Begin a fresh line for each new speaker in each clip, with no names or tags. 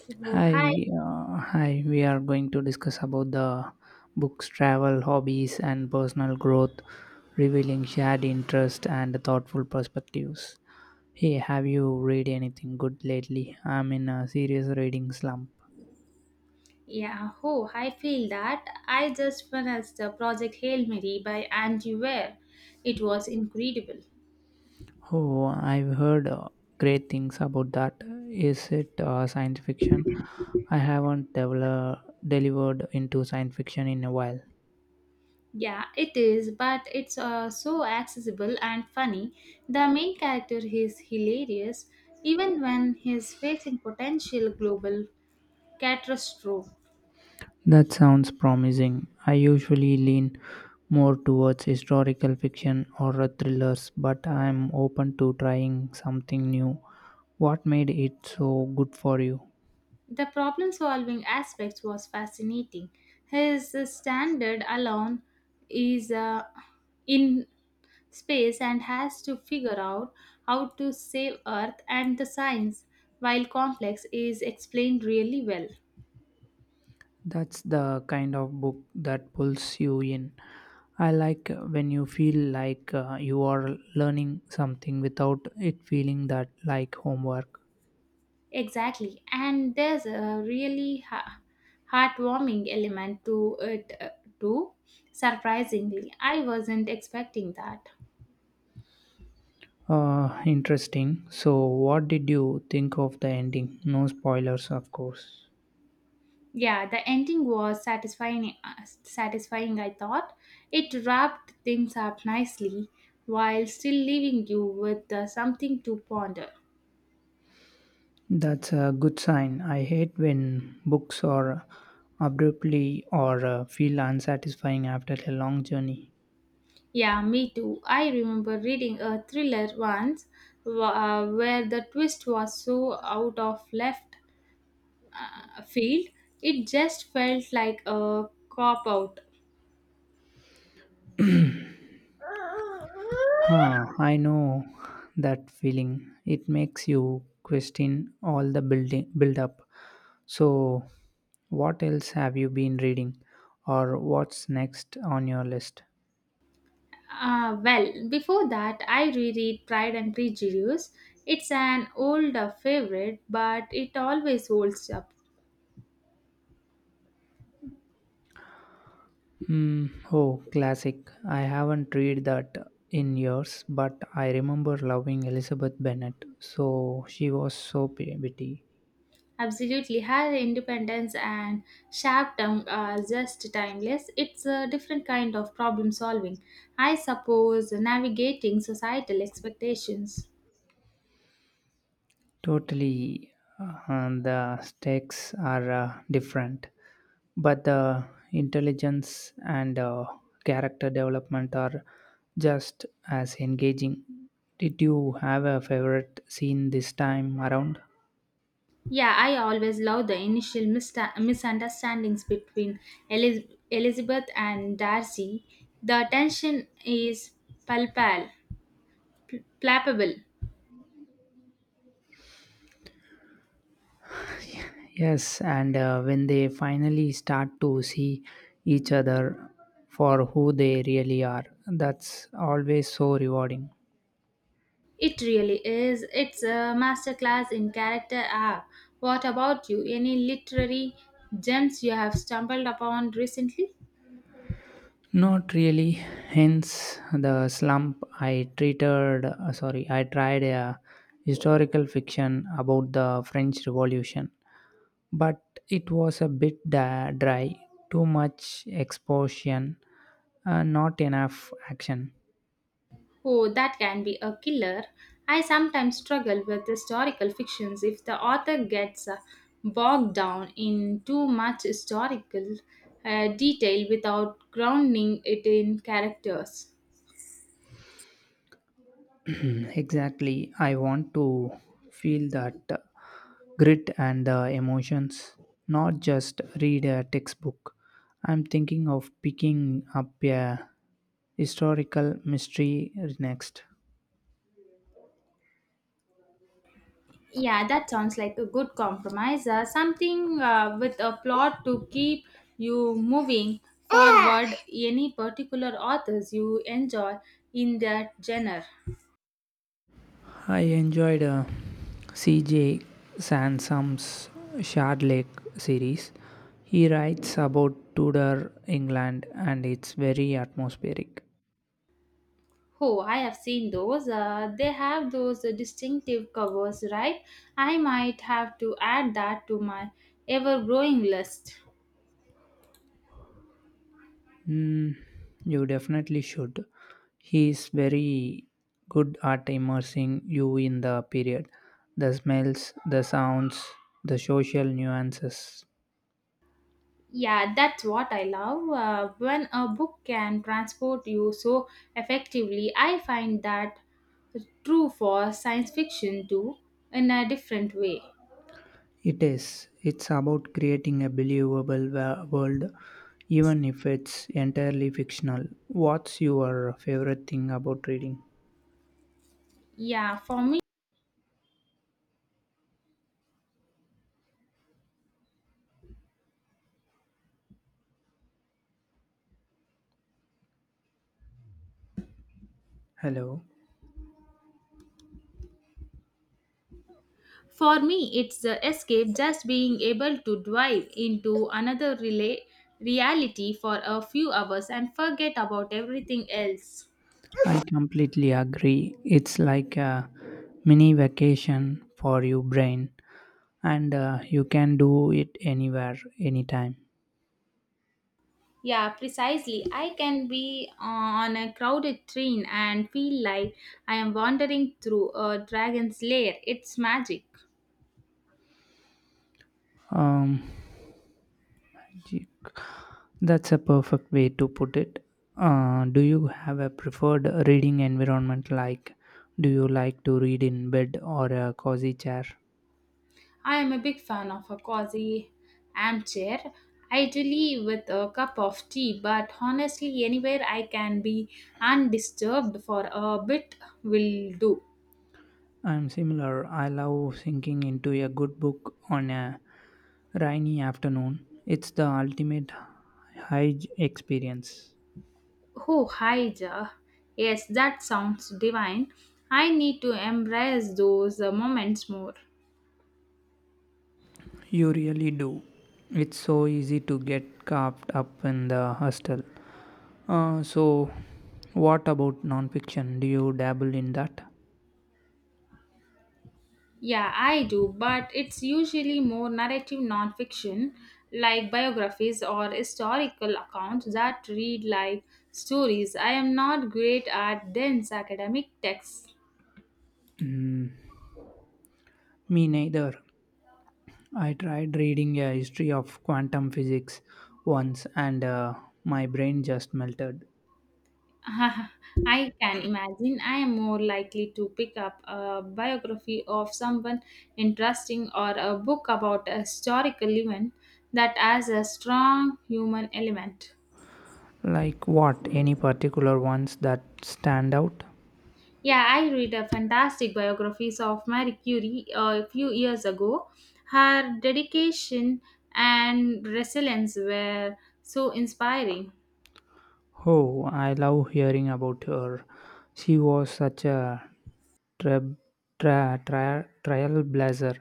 So hi,
Hi, hi. We are going to discuss about the books, travel, hobbies, and personal growth, revealing shared interest and thoughtful perspectives. Hey, have you read anything good lately? I'm in a serious reading slump.
yeah, oh, I feel that I just finished the Project Hail Mary by Andy Weir. It was incredible.
Oh, I've heard great things about that. Is it science fiction? I haven't devel- delivered into science fiction in a while.
Yeah, it is, but it's so accessible and funny. The main character is hilarious, even when he's facing potential global catastrophe.
That sounds promising. I usually lean more towards historical fiction or thrillers, but I am open to trying something new. What made it so good for you?
The problem-solving aspect was fascinating. His standard alone is in space and has to figure out how to save Earth, and the science, while complex, is explained really well.
That's the kind of book that pulls you in. I like when you feel like you are learning something without it feeling that like homework.
Exactly, and there's a really heartwarming element to it too. Surprisingly, I wasn't expecting that.
Interesting. So, what did you think of the ending? No spoilers, of course.
Yeah, the ending was satisfying. Satisfying, I thought. It wrapped things up nicely while still leaving you with something to ponder.
That's a good sign. I hate when books are abruptly or feel unsatisfying after a long journey.
Yeah, me too. I remember reading a thriller once where the twist was so out of left field, it just felt like a cop out.
Huh, I know that feeling. It makes you question all the build up. So, what else have you been reading or what's next on your list?
Well, before that, I reread Pride and Prejudice. It's an old favorite, but it always holds up.
Hmm. Oh, classic. I haven't read that in years, but I remember loving Elizabeth Bennet. So she was so witty.
Absolutely, her independence and sharp tongue are just timeless. It's a different kind of problem solving. I suppose navigating societal expectations.
Totally. The stakes are different, but the intelligence and character development are just as engaging. Did you have a favorite scene this time around?
Yeah, I always love the initial misunderstandings between Elizabeth and Darcy. The tension is palpable, palpable.
Yes, and when they finally start to see each other for who they really are, that's always so rewarding.
It really is. It's a masterclass in character arc. What about you? Any literary gems you have stumbled upon recently?
Not really. Hence the slump. I tried a historical fiction about the French Revolution, but it was a bit dry, too much exposition, not enough action.
Oh, that can be a killer. I sometimes struggle with historical fictions if the author gets bogged down in too much historical detail without grounding it in characters.
Mm, exactly. I want to feel that grit and the emotions, not just read a textbook. I'm thinking of picking up a historical mystery next.
Yeah, that sounds like a good compromise. Something with a plot to keep you moving forward. Any particular authors you enjoy in that genre?
I enjoyed C.J. Sansome's Shard Lake series. He writes about Tudor England and it's very atmospheric.
Oh, I have seen those. They have those distinctive covers, right? I might have to add that to my ever growing list.
Mm, you definitely should. He is very good at immersing you in the period, the smells, the sounds, the social nuances.
Yeah, that's what I love. When a book can transport you so effectively, I find that true for science fiction too, in a different way.
It is. It's about creating a believable world, even if it's entirely fictional. What's your favorite thing about reading?
Yeah,
Hello.
for me, it's the escape, just being able to dive into another reality for a few hours and forget about everything else.
I completely agree. It's like a mini vacation for your brain, and you can do it anywhere, anytime.
Yeah, precisely. I can be on a crowded train and feel like I am wandering through a dragon's lair. It's magic.
Um, Gee, that's a perfect way to put it. Do you have a preferred reading environment? Like, do you like to read in bed or a cozy chair?
I am a big fan of a cozy armchair, ideally with a cup of tea, but honestly, anywhere I can be undisturbed for a bit will do.
I'm similar. I love sinking into a good book on a rainy afternoon. It's the ultimate high experience.
Oh, hi, Ja. Yes, that sounds divine. I need to embrace those moments more.
You really do. It's so easy to get caught up in the hustle. So, what about nonfiction? Do you dabble in that?
Yeah, I do, but it's usually more narrative nonfiction, like biographies or historical accounts that read like stories. I am not great at dense academic texts.
Mm, me neither. I tried reading a history of quantum physics once and my brain just melted.
I can imagine. I am more likely to pick up a biography of someone interesting or a book about a historical event that has a strong human element.
Like what? Any particular ones that stand out?
Yeah, I read a fantastic biographies of Marie Curie a few years ago. Her dedication and resilience were so inspiring.
Oh, I love hearing about her. She was such a tra- trailblazer.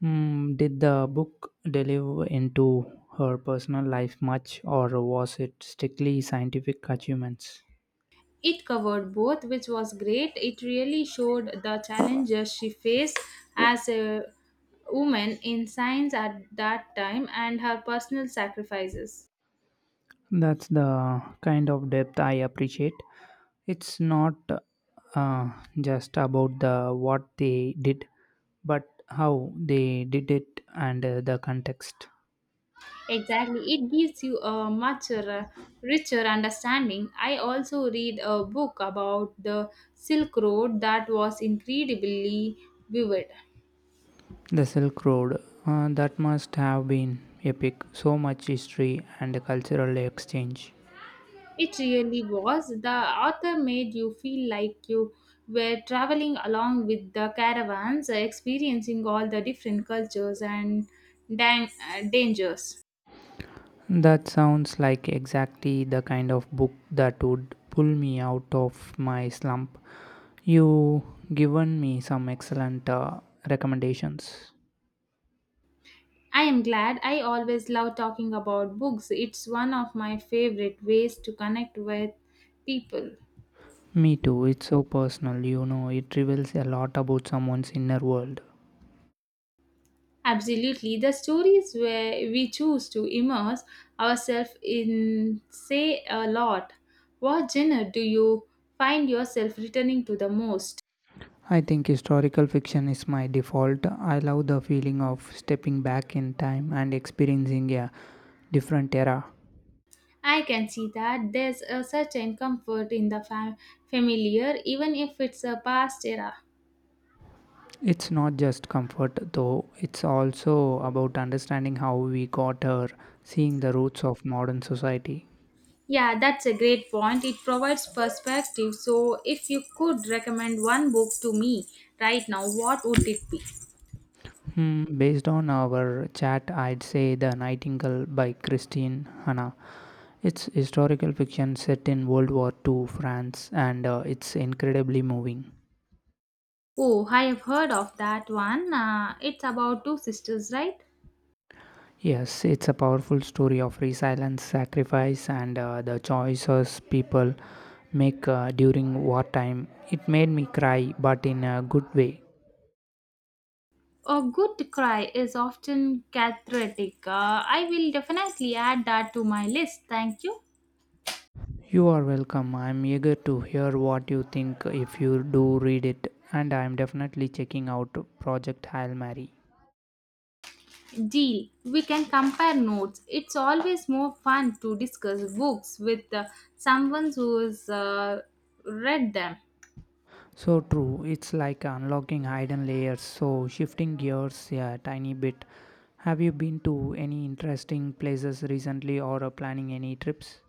Mm, did the book delve into her personal life much, or was it strictly scientific achievements?
It covered both, which was great. It really showed the challenges she faced as a woman in science at that time, and her personal sacrifices.
That's the kind of depth I appreciate. It's not uh, just about the what they did, but how they did it and the context.
Exactly, it gives you a much richer understanding. I also read a book about the Silk Road that was incredibly vivid.
The Silk Road, that must have been epic, so much history and cultural exchange.
It really was. The author made you feel like you were traveling along with the caravans, experiencing all the different cultures and dangers.
That sounds like exactly the kind of book that would pull me out of my slump. You given me some excellent recommendations.
I am glad. I always love talking about books. It's one of my favorite ways to connect with people.
Me too, it's so personal, you know, it reveals a lot about someone's inner world.
Absolutely. The stories where we choose to immerse ourselves in say a lot. What genre do you find yourself returning to the most?
I think historical fiction is my default. I love the feeling of stepping back in time and experiencing a different era.
I can see that. There's a certain comfort in the familiar, even if it's a past era.
It's not just comfort though, it's also about understanding how we got here, seeing the roots of modern society.
Yeah, that's a great point. It provides perspective. So, if you could recommend one book to me right now, what would it be?
Hmm, based on our chat, I'd say The Nightingale by Christine Hanna. It's historical fiction set in World War II France and it's incredibly moving.
Oh, I have heard of that one. It's about two sisters, right?
Yes, it's a powerful story of resilience, sacrifice, and the choices people make during wartime. It made me cry, but in a good way.
A good cry is often cathartic. I will definitely add that to my list. Thank you.
You are welcome. I'm eager to hear what you think if you do read it, and I'm definitely checking out Project Hail Mary.
Deal. We can compare notes. It's always more fun to discuss books with someone who's read them.
So true, it's like unlocking hidden layers. So, shifting gears a tiny bit, have you been to any interesting places recently or are planning any trips?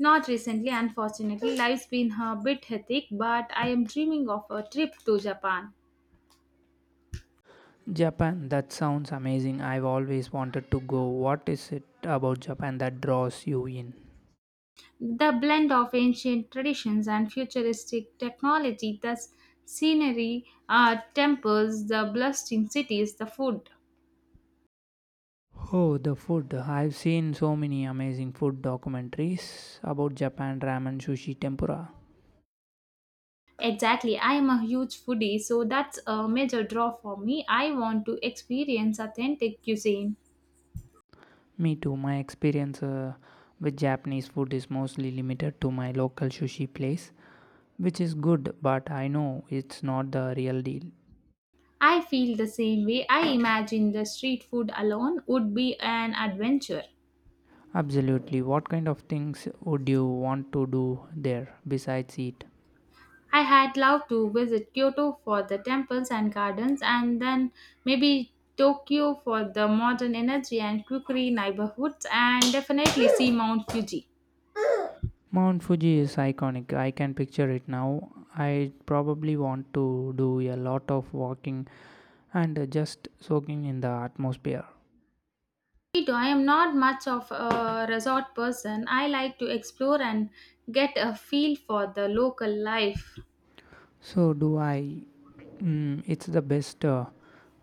Not recently, unfortunately. Life's been a bit hectic, but I am dreaming of a trip to Japan.
Japan, that sounds amazing. I've always wanted to go. What is it about Japan that draws you in?
The blend of ancient traditions and futuristic technology, the scenery, temples, the bustling cities, the food.
Oh, the food. I've seen so many amazing food documentaries about Japan ramen, sushi, tempura.
Exactly, I am a huge foodie, so that's a major draw for me. I want to experience authentic cuisine.
Me too. My experience with Japanese food is mostly limited to my local sushi place, which is good, but I know it's not the real deal.
I feel the same way. I imagine the street food alone would be an adventure.
Absolutely. What kind of things would you want to do there besides eat?
I had loved to visit Kyoto for the temples and gardens, and then maybe Tokyo for the modern energy and quirky neighborhoods, and definitely see Mount Fuji.
Mount Fuji is iconic. I can picture it now. I probably want to do a lot of walking and just soaking in the atmosphere.
Mojito, I am not much of a resort person. I like to explore and get a feel for the local life.
So, do I? Mm, it's the best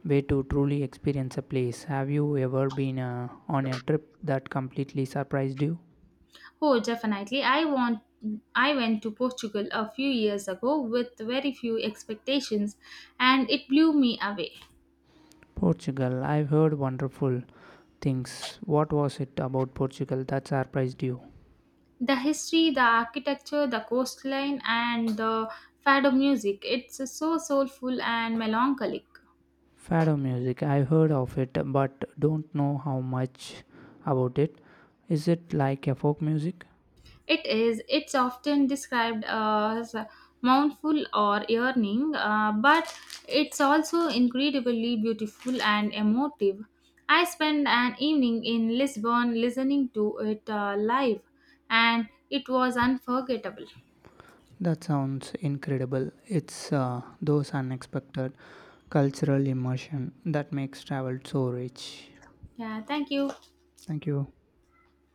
way to truly experience a place. Have you ever been on a trip that completely surprised you?
Oh, definitely. I want. I went to Portugal a few years ago with very few expectations, and it blew me away.
Portugal. I've heard wonderful things. What was it about Portugal that surprised you?
The history, the architecture, the coastline, and the fado music. It's so soulful and melancholic.
Fado music, I've heard of it but don't know how much about it. Is it like a folk music?
It is. It's often described as mournful or yearning, but it's also incredibly beautiful and emotive. I spent an evening in Lisbon listening to it live, and it was unforgettable.
That sounds incredible. It's those unexpected cultural immersion that makes travel so rich.
Yeah, thank you.
Thank you.